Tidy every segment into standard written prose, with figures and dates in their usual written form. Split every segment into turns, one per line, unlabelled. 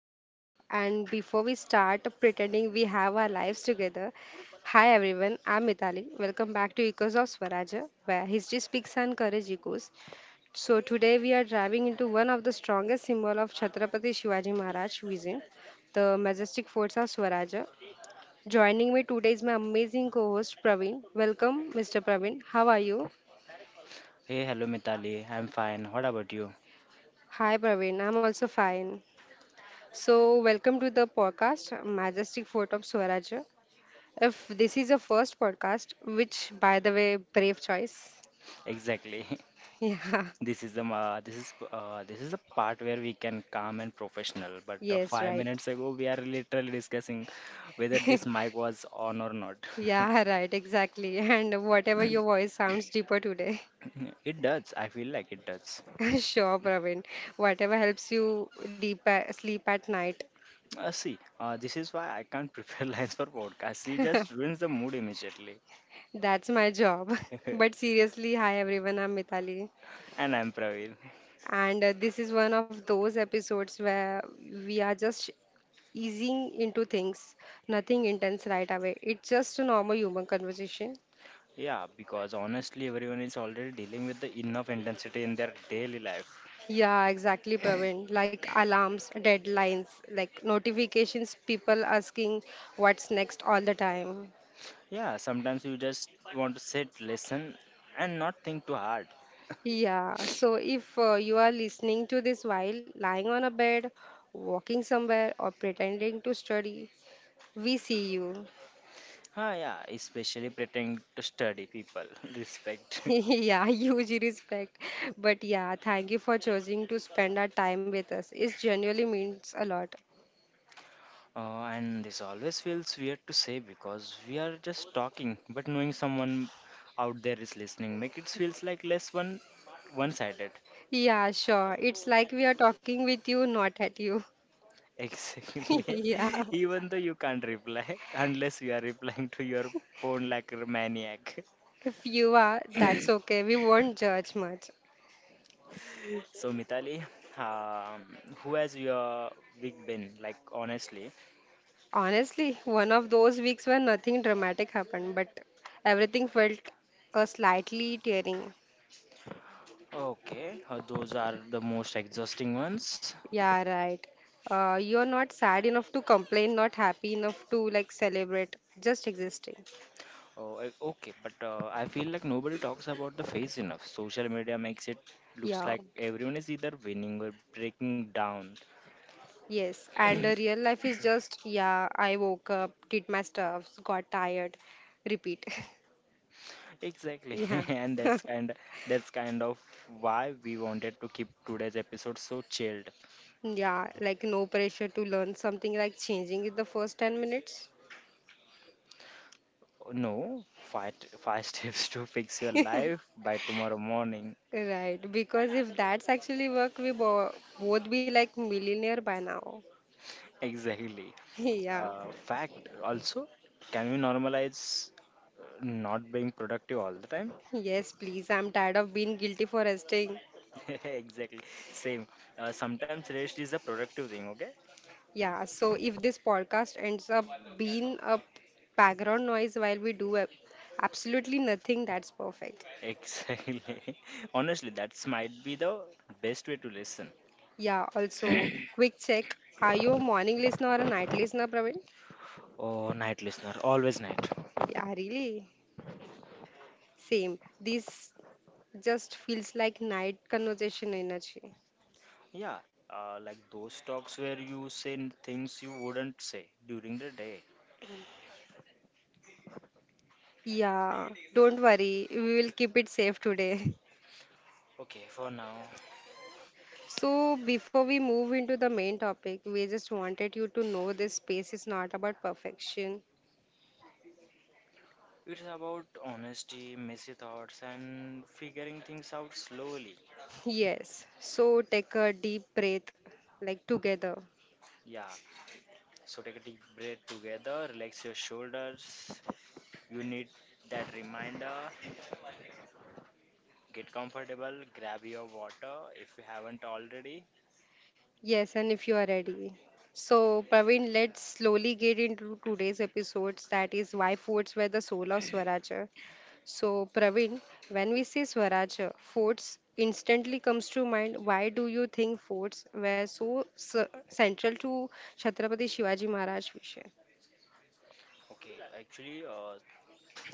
live. And before we start pretending we have our lives together, hi everyone, I'm Mitali. Welcome back to Echoes of Swaraja, where history speaks and courage echoes. So today we are driving into one of the strongest symbol of Chhatrapati Shivaji Maharaj vision, the majestic forts of Swaraja. Joining me today is my amazing co-host Praveen. Welcome, Mr. Praveen. How are you?
Hey, hello Mitali. I'm fine. What about you?
Hi, Praveen. I'm also fine. So, welcome to the podcast, Majestic Fort of Swaraj. If this is your first podcast, which, by the way, brave choice.
Exactly.
Yeah.
This is this is the part where we can calm and professional. But
Yes,
five
right.
minutes ago, we are literally discussing whether this mic was on or not.
Yeah, right, exactly. And whatever your voice sounds deeper today.
It does. I feel like it does.
Sure, Praveen. Whatever helps you sleep at night.
See, this is why I can't prepare lines for podcast. It just ruins the mood immediately.
That's my job. But seriously, hi everyone, I'm Mitali.
And I'm Praveen.
And this is one of those episodes where we are just easing into things, nothing intense right away. It's just a normal human conversation.
Yeah, because honestly, everyone is already dealing with the enough intensity in their daily life.
Yeah, exactly, Praveen. Like alarms, deadlines, like notifications, people asking what's next all the time.
Yeah, sometimes you just want to sit, listen, and not think too hard.
Yeah, so if you are listening to this while lying on a bed, walking somewhere, or pretending to study, we see you.
Ah, yeah, especially pretending to study people. Respect.
Yeah, huge respect. But yeah, thank you for choosing to spend our time with us. It genuinely means a lot.
And this always feels weird to say because we are just talking, but knowing someone out there is listening make it feels like less one-sided.
Yeah, sure. It's like we are talking with you, not at you.
Exactly.
Yeah.
Even though you can't reply unless you are replying to your phone like a maniac.
If you are, that's okay. We won't judge much.
So Mitali, who has your week been like honestly?
Honestly, one of those weeks where nothing dramatic happened, but everything felt slightly tearing.
Okay, those are the most exhausting ones.
Yeah, right. You're not sad enough to complain, not happy enough to like celebrate, just existing.
Oh, okay, but I feel like nobody talks about the face enough. Social media makes it looks
Yeah,
like everyone is either winning or breaking down.
yes. And real life is just, yeah, I woke up, did my stuff, got tired, repeat.
Exactly,
Yeah.
and that's kind of, that's kind of why we wanted to keep today's episode so chilled.
Yeah, like no pressure to learn something like changing in the first 10 minutes.
No, five steps to fix your life by tomorrow morning.
Right, because if that's actually work, we bo both be like millionaire by now.
Exactly.
Yeah.
Fact. Also, can we normalize not being productive all the time?
Yes, please. I'm tired of being guilty for resting.
Exactly. Same. Sometimes rest is a productive thing, okay?
Yeah, so if this podcast ends up being a background noise while we do absolutely nothing, that's perfect.
Exactly. Honestly, that's might be the best way to listen.
Yeah, also, quick check. Are you a morning listener or a night listener, Praveen?
Oh, night listener, always night.
Yeah, really. Same. These just feels like night conversation energy.
Yeah. Like those talks where you say things you wouldn't say during the day.
Yeah, don't worry, we will keep it safe today.
Okay, for now.
So, before we move into the main topic, we just wanted you to know this space is not about perfection.
It's about honesty, messy thoughts, and figuring things out slowly.
Yes, so take a deep breath, like together.
Yeah, so take a deep breath together, relax your shoulders. You need that reminder. Get comfortable, grab your water if you haven't already.
Yes, and if you are ready. So, Praveen, let's slowly get into today's episodes. That is why foods were the soul of Swaraj. So, Praveen, when we say Swaraja, forts instantly comes to mind. Why do you think forts were so central to Chhatrapati Shivaji Maharaj vision?
Okay, actually,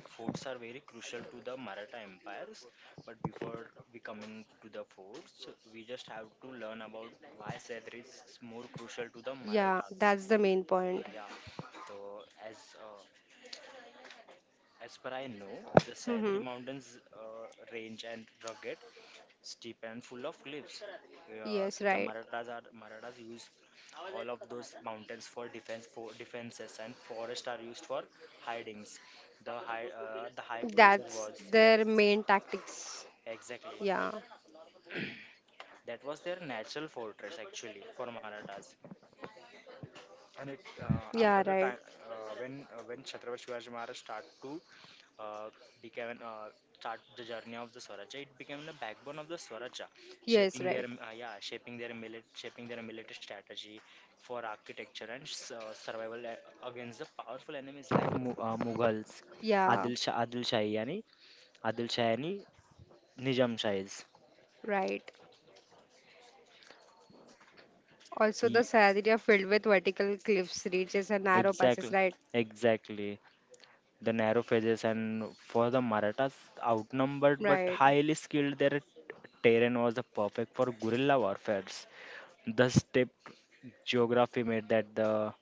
forts are very crucial to the Maratha empires. But before we coming to the forts, we just have to learn about why Cedar is more crucial to the
Yeah,
Marathas.
that's the main point.
Yeah. So uh, as per I know, the Sahyadri
Hmm.
Mountains range and rugged, steep and full of cliffs. Uh,
Yes,
the
right.
Marathas are Marathas used all of those mountains for defense, for defenses, and forests are used for hidings. The high, the high pleasure
That's
was, yes,
their main tactics.
exactly,
Yeah,
that was their natural fortress, actually, for Marathas. And it after
yeah,
the
right.
time, when chhatrapati Shivaji Maharaj start to uh, became start the journey of the Swaraj, it became the backbone of the Swaraj,
Yes, right.
shaping their shaping their military strategy for architecture and survival against the powerful enemies like Mughals,
Yeah,
Adil Shah, Adil Shahi, yani Nizam Shahis.
right. Also,
Ye-
the Saharia filled with vertical cliffs, ridges, and narrow passes.
Exactly,
Right,
exactly. The narrow faces, and for the Marathas, outnumbered but
right.
highly skilled, their terrain was the perfect for guerrilla warfare. The stepped geography made that the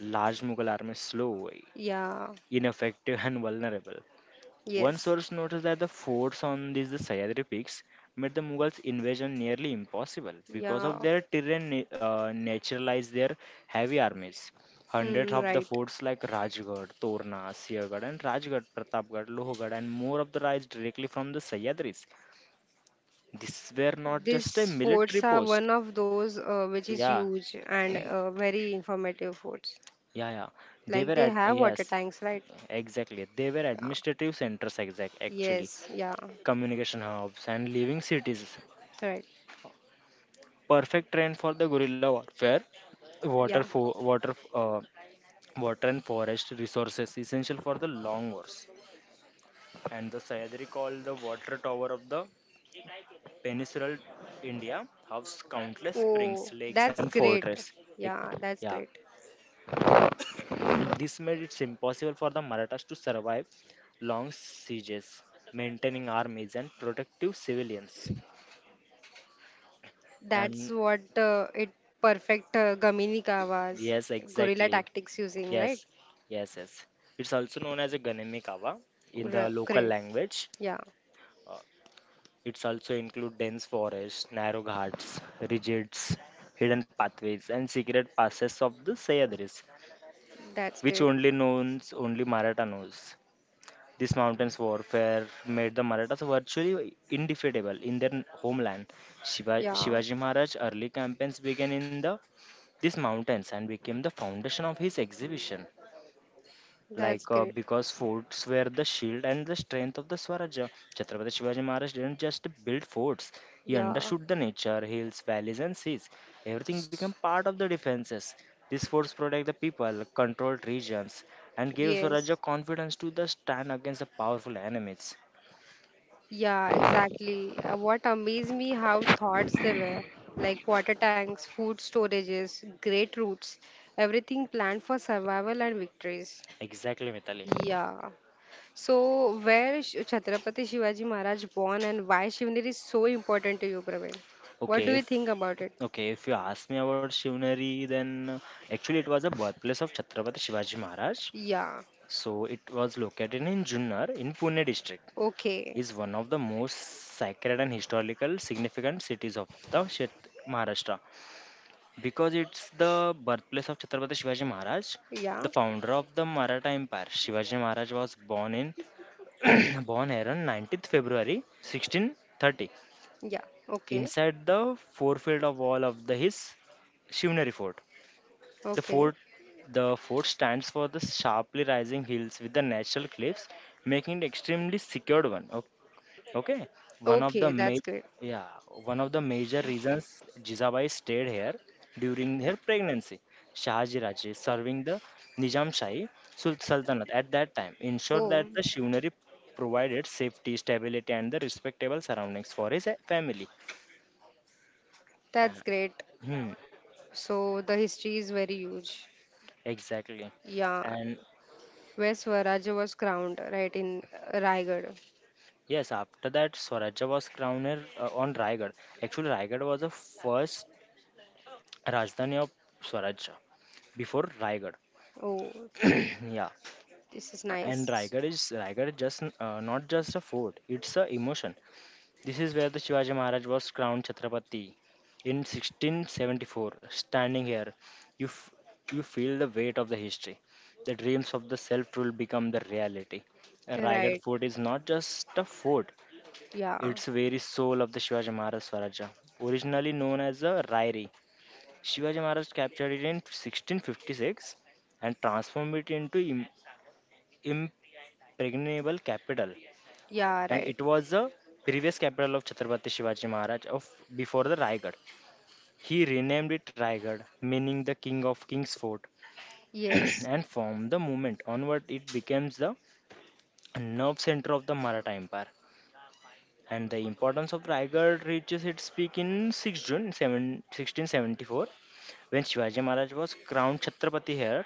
large Mughal army slow,
Yeah,
ineffective, and vulnerable. One
yes,
source noticed that the forts on these the Sahyadri peaks made the Mughals' invasion nearly impossible because
yeah.
of their terrain naturalized their heavy armies. Hundreds
Hmm,
of the
right.
forts like Rajgarh, Torna, Siagarh, and Rajgarh, Pratapgarh, Lohargarh, and more of the rise directly from the Sahyadris. These were not just a
These forts
military
are
post.
one of those which is
Yeah,
huge and very informative forts.
yeah, yeah. They
Like
were
they
at,
have water
yes,
tanks, right?
exactly, they were
Yeah.
administrative centers, exact actually,
Yes. Yeah.
communication hubs and living cities,
Right.
perfect terrain for the gorilla guerrilla where Water,
Yeah.
fo- water, uh, water and forest resources essential for the long wars. And the Sayadri called the water tower of the peninsular India housed countless
Oh,
springs, lakes,
that's
and
great.
fortresses. Like,
Yeah, that's
yeah,
great.
this made it impossible for the Marathas to survive long sieges, maintaining armies and protective civilians.
That's
And
what it perfect Gaminika was
yes,
guerrilla
exactly.
tactics using, right?
Yes, yes, yes. It's also known as a Ganemi Kawa in the local
Great.
language.
Yeah.
Uh, it's also include dense forests, narrow ghats, ridges, hidden pathways, and secret passes of the Sayadris,
That's
which
great.
only knows only Maratha knows. This mountains warfare made the Marathas virtually indefeatable in their homeland.
Yeah.
Shivaji Maharaj's early campaigns began in the these mountains and became the foundation of his exhibition.
That's great.
Because forts were the shield and the strength of the Swaraja. Chhatrapati Shivaji Maharaj didn't just build forts; he
Yeah.
understood the nature, hills, valleys, and seas. Everything became part of the defenses. These forts protect the people, controlled regions, and gave
Yes.
Swaraja confidence to the stand against the powerful enemies.
Yeah, exactly. What amazed me how thoughts they were, like water tanks, food storages, great routes, everything planned for survival and victories.
Exactly, Mitali.
Yeah. So where Chhatrapati Shivaji Maharaj born and why Shivnir is so important to you, Praveen? What do
Okay,
you
if
think about it?
okay, if you ask me about Shivnari, then actually it was the birthplace of Chhatrapati Shivaji Maharaj.
Yeah.
So it was located in Junnar in Pune district.
Okay.
Is one of the most sacred and historical significant cities of the Maharashtra because it's the birthplace of Chhatrapati Shivaji Maharaj,
Yeah.
the founder of the Maratha Empire. Shivaji Maharaj was born in Born here on 19th February 1630
Yeah. Okay.
inside the forefield of wall of the his Shivneri fort. The
Okay.
fort the fort stands for the sharply rising hills with the natural cliffs, making it extremely secured one. Okay? Okay, one of the
Okay.
ma-
That's great.
yeah, one of the major reasons Jizabai stayed here during her pregnancy. Shahaji Raje, serving the Nizam Shahi Sultanate at that time, ensured
Oh,
that the Shivnari provided safety, stability, and the respectable surroundings for his family.
that's
And,
great.
hmm,
So the history is very huge.
exactly.
Yeah,
And
where Swaraja was crowned, right, in Raigad.
yes, after that, Swarajya was crowned her, on Raigad. Actually, Raigad was the first Rajdhani of Swarajya before Raigad.
Oh,
Yeah.
this is
And
nice.
Raigad is not just a fort; it's a emotion. This is where the Shivaji Maharaj was crowned Chhatrapati in 1674. Standing here, you f- you feel the weight of the history. The dreams of the self-rule become the reality. Raigad
Right,
Fort is not just a fort;
yeah,
it's the very soul of the Shivaji Maharaj Swaraja. Originally known as a Rairi, Shivaji Maharaj captured it in 1656 and transformed it into impregnable capital,
yeah,
and
right.
it was the previous capital of Chhatrapati Shivaji Maharaj of before the Raigad. He renamed it Raigad, meaning the king of king's fort,
Yes,
and from the moment onward it becomes the nerve center of the Maratha Empire. And the importance of Raigad reaches its peak in 6 June 7, 1674 when Shivaji Maharaj was crowned Chhatrapati here.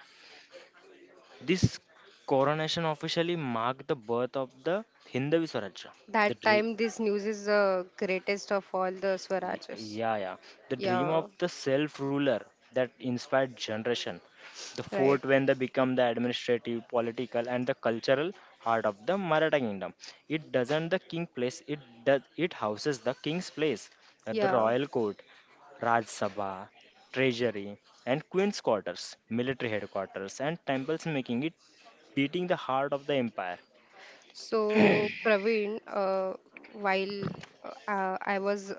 This coronation officially marked the birth of the Hindavi Swaraj,
that
the dra-
time this news is the greatest of all the Swarajas.
Yeah, yeah. The dream of
Yeah,
the self ruler that inspired generation. The
right,
fort when they become the administrative, political, and the cultural heart of the Maratha kingdom. It doesn't the king place. It does. It houses the king's place, the
yeah.
royal court, Raj Sabha, treasury, and queen's quarters, military headquarters, and temples, making it beating the heart of the empire.
So, Praveen, while I was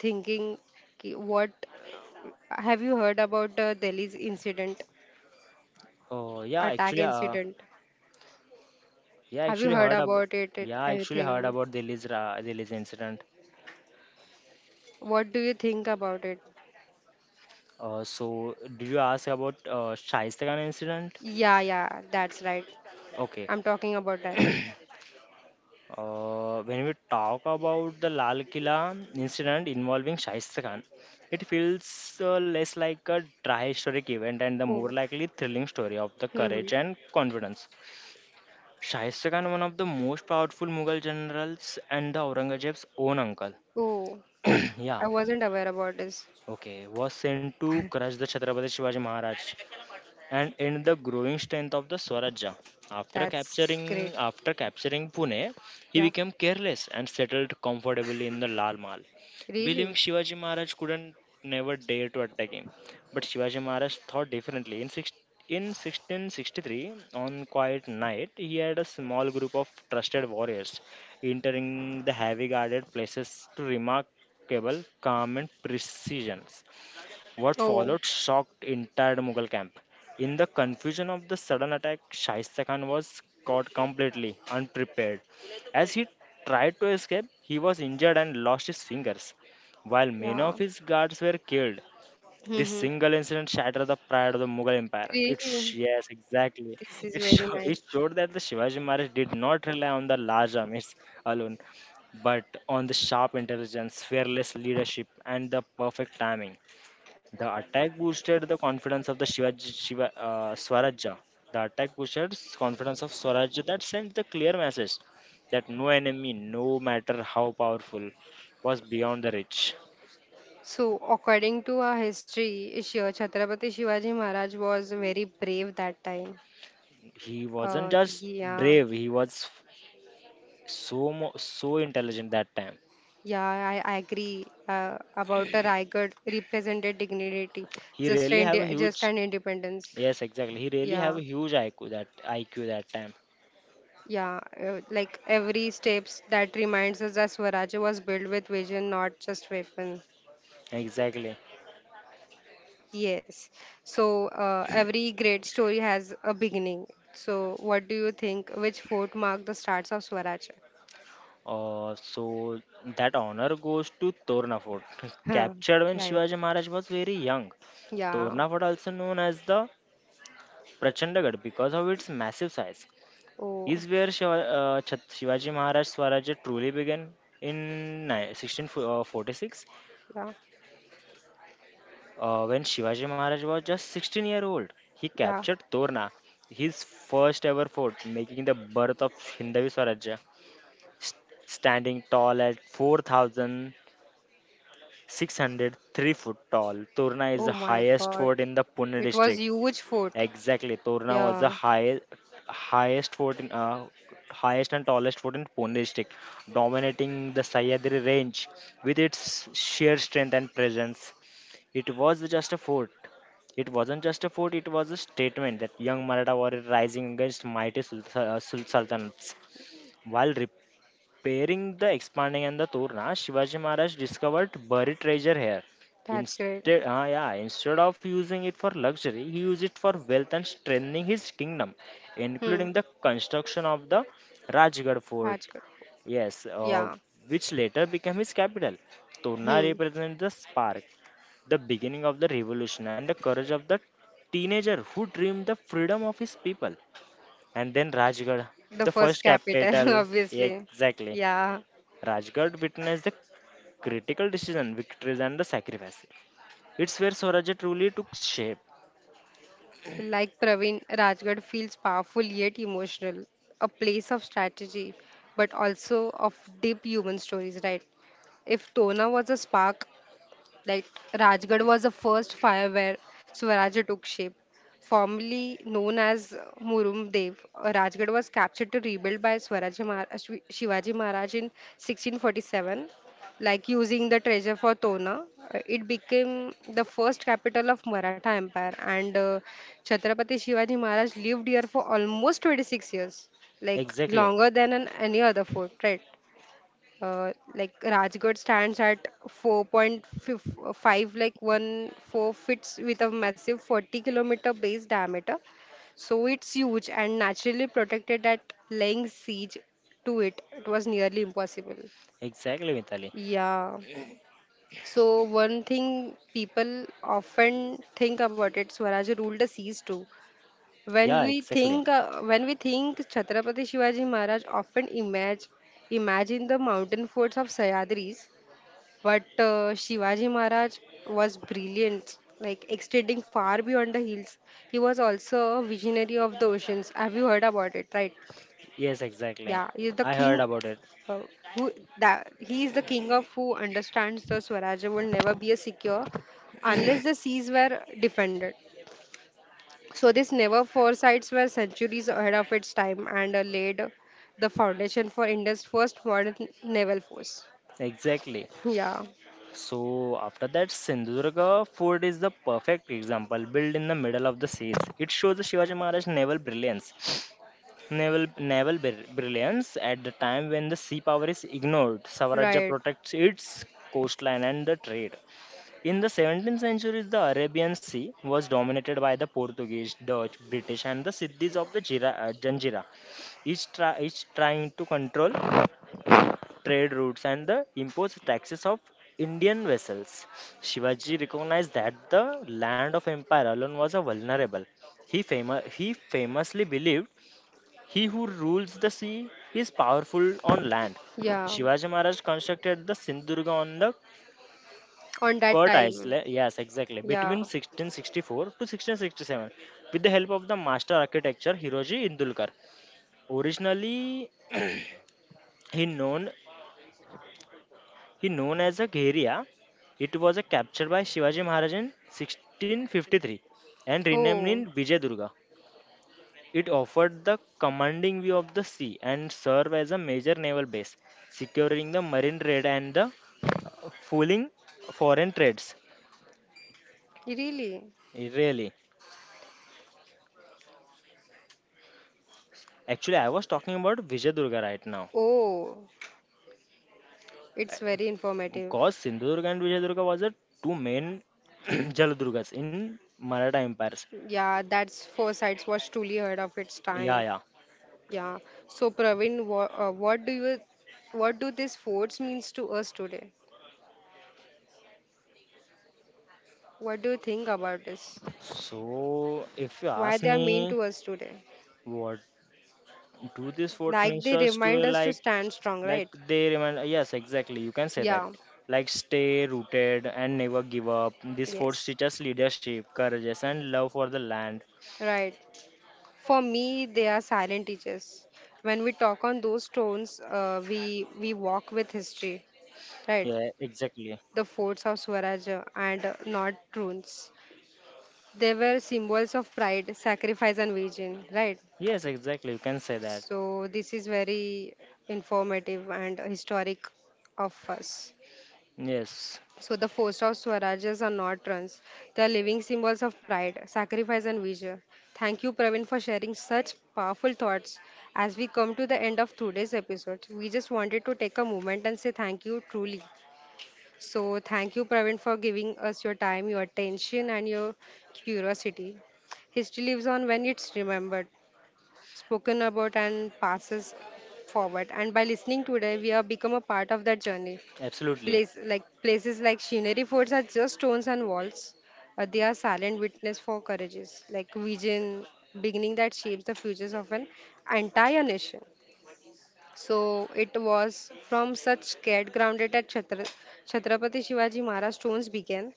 thinking, what have you heard about the Delhi's incident,
Oh
attack incident?
yeah,
Have you
actually
heard
heard about
about it
yeah, actually heard
anything?
about Delhi's incident.
What do you think about it?
So, do you ask about Shaista Khan incident?
Yeah, yeah, that's right.
Okay.
I'm talking about that.
When we talk about the Lal Killa incident involving Shaista Khan, it feels less like a dry historic event and the more
Oh,
likely thrilling story of the
hmm,
courage and confidence. Shaista Khan, one of the most powerful Mughal generals and the Aurangzeb's own uncle.
oh, I
Yeah.
wasn't aware about this.
Okay. Was sent to crush the Chhatrapati Shivaji Maharaj and in the growing strength of the Swarajya. After
That's great.
capturing after capturing Pune, he
Yeah,
became careless and settled comfortably in the Lal Mahal, believing
really.
Shivaji Maharaj couldn't never dare to attack him. But Shivaji Maharaj thought differently. In 1663, on quiet night, he had a small group of trusted warriors entering the heavy guarded places to remarkable calm and precision. What
Oh,
followed shocked entire Mughal camp. In the confusion of the sudden attack, Shaista Khan was caught completely unprepared. As he tried to escape, he was injured and lost his fingers. While many
yeah.
of his guards were killed, this
Hmm.
single incident shattered the pride of the Mughal Empire.
Really,
Yes, exactly.
this is very
It
nice.
showed that the Shivaji Maharaj did not rely on the large armies alone, but on the sharp intelligence, fearless leadership, and the perfect timing. The attack boosted the confidence of the Swaraja. The attack boosted confidence of Swaraja that sent the clear message that no enemy, no matter how powerful, was beyond the reach.
So, according to our history, Shiva Chhatrapati Shivaji Maharaj was very brave that time.
He wasn't just
Yeah.
brave; he was so intelligent that time.
Yeah, I agree about a Raigad represented dignity,
He
just
really
an
have a
just
huge
an independence.
yes, exactly. He really have
Yeah,
a huge IQ that IQ that time.
yeah, like every steps that reminds us that Swaraj was built with vision, not just weapon.
Exactly.
Yes. So every great story has a beginning. So what do you think? Which fort marked the starts of Swaraj?
So that honor goes to Torna Fort,
Huh,
captured when
right.
Shivaji Maharaj was very young.
Yeah.
Torna Fort, also known as the Prachandagarh because of its massive size,
Oh,
is where Shivaji Maharaj Swarajya truly began in 1646.
yeah,
When Shivaji Maharaj was just 16-year-old, he
yeah.
captured Torna, his first ever fort, making the birth of Hindavi Swarajya, standing tall at 4,000. 603 foot tall. Torna is
Oh
the
my
highest
God.
fort in the Pune
It was
district.
huge fort.
Exactly, Torna was the
Yeah,
highest highest fort in uh, highest and tallest fort in Pune district, dominating the Sahyadri range with its sheer strength and presence. It was just a fort. It wasn't just a fort. It was a statement that young Maratha were rising against mighty sultanates while Pairing the expanding and the Turna, Shivaji Maharaj discovered buried treasure here.
that's great.
Instead of using it for luxury, he used it for wealth and strengthening his kingdom,
Hmm,
including the construction of the Rajgarh fort.
that's good.
Yes,
Yeah.
which later became his capital. Turna
Hmm.
represents the spark, the beginning of the revolution, and the courage of the teenager who dreamed the freedom of his people. And then Rajgarh,
The
the
first
first
capital,
capital. Yeah,
obviously.
exactly.
Yeah.
Rajgarh witnessed the critical decision, victories, and the sacrifice. It's where Swaraj truly took shape.
Like Praveen, Rajgarh feels powerful yet emotional. A place of strategy, but also of deep human stories, right? If Tona was a spark, like Rajgarh was the first fire where Swaraj took shape. Formerly known as Murumdev, Rajgarh was captured to rebuild by Shivaji Maharaj in 1647. Like using the treasure for Tona, it became the first capital of Maratha Empire, and Chhatrapati Shivaji Maharaj lived here for almost 26 years, like
Exactly.
longer than an, any other fort, right? Like Rajgarh stands at 4.5, like 14 fits with a massive 40-kilometer base diameter, so it's huge and naturally protected that laying siege to it, it was nearly impossible.
Exactly, Mitali.
Yeah. So one thing people often think about it, Swaraj ruled the seas too. When
Yeah,
we
exactly.
think Chhatrapati Shivaji Maharaj, often imagine imagine the mountain forts of Sayadris, but Shivaji Maharaj was brilliant, like extending far beyond the hills. He was also a visionary of the oceans. Have you heard about it, right?
Yes, exactly.
Yeah, he is the
I heard
king.
about it.
Uh, who that he is the king of who understands the Swaraj will never be a secure unless the seas were defended. So this never foresights were centuries ahead of its time, and laid the foundation for India's first modern naval force.
Exactly.
Yeah,
So after that, Sindhudurga fort is the perfect example, built in the middle of the seas. It shows the Shivaji Maharaj naval brilliance, brilliance at the time when the sea power is ignored. Savaraja
right.
protects its coastline and the trade. In the 17th century, the Arabian Sea was dominated by the Portuguese, Dutch, British, and the Siddhis of the Janjira, each trying to control trade routes and the imposed taxes of Indian vessels. Shivaji recognized that the land of empire alone was a vulnerable. He, he famously believed he who rules the sea is powerful on land.
Yeah.
Shivaji Maharaj constructed the Sindhudurga on the
On that
Kurt
time.
Island, yes, exactly, between
Yeah.
1664 to 1667 with the help of the master architecture Hiroji Indulkar. Originally he known He known as a Gheriya. It was a captured by Shivaji Maharaj in 1653 and renamed
Oh,
in Vijayadurga. It offered the commanding view of the sea and served as a major naval base, securing the marine trade and the fooling foreign trades.
really?
Really, actually, I was talking about Vijayadurga right now
Oh, it's very informative.
because Sindhudurga and Vijayadurga was the two main Jaladurgas in Maratha empires.
Yeah, that's four sides was truly ahead of its
Yeah,
time.
yeah.
Yeah. So Praveen, what do these forts means to us today? What do you think about this?
So if you
Why
ask
they are mean
me,
to us today?
what do these fourth
Like they
ministers to,
remind us to stand strong,
like
right?
they remind, yes, exactly, you can say that,
Yeah.
like stay rooted and never give up. This force
Yes.
teaches leadership, courage, and love for the land.
Right. For me, they are silent teachers. When we talk on those tones, we walk with history, right?
Yeah, exactly.
The forts of Swaraja and not runes. They were symbols of pride, sacrifice, and vision, right?
Yes, exactly, you can say that.
So this is very informative and historic of us.
Yes,
So the force of Swarajas are not runs. They are living symbols of pride, sacrifice and vision. Thank you Praveen for sharing such powerful thoughts. As we come to the end of today's episode, we just wanted to take a moment and say thank you truly. So thank you Praveen for giving us your time, your attention and your curiosity. History lives on when it's remembered, spoken about and passes forward. And by listening today, we have become a part of that journey.
absolutely.
Place like places like scenery forts are just stones and walls. They are silent witness for courageous, like vision, beginning that shapes the futures of an entire nation. So it was from such scared grounded at Chhatrapati Shivaji Maharaj stones began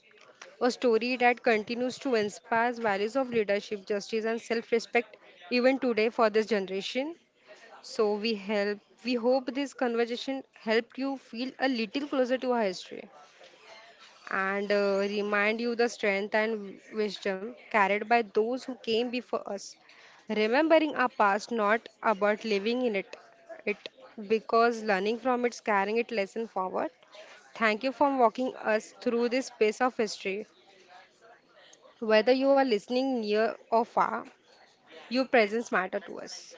a story that continues to inspire values of leadership, justice, and self-respect even today for this generation. So we hope this conversation helped you feel a little closer to our history and remind you the strength and wisdom carried by those who came before us. Remembering our past, not about living in it, it because learning from it, carrying it lesson forward. Thank you for walking us through this space of history. Whether you are listening near or far, your presence matter to us.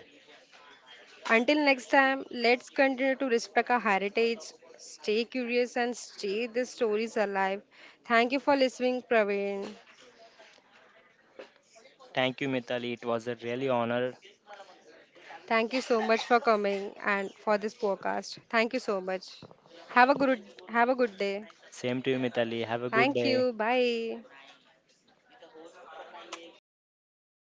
Until next time, let's continue to respect our heritage, stay curious, and stay the stories alive. Thank you for listening, Praveen.
Thank you, Mitali. It was a really honor.
Thank you so much for coming and for this podcast. Thank you so much. Have a good have a good day.
Same to you, Mitali. Have a good
Thank
day.
you. Bye.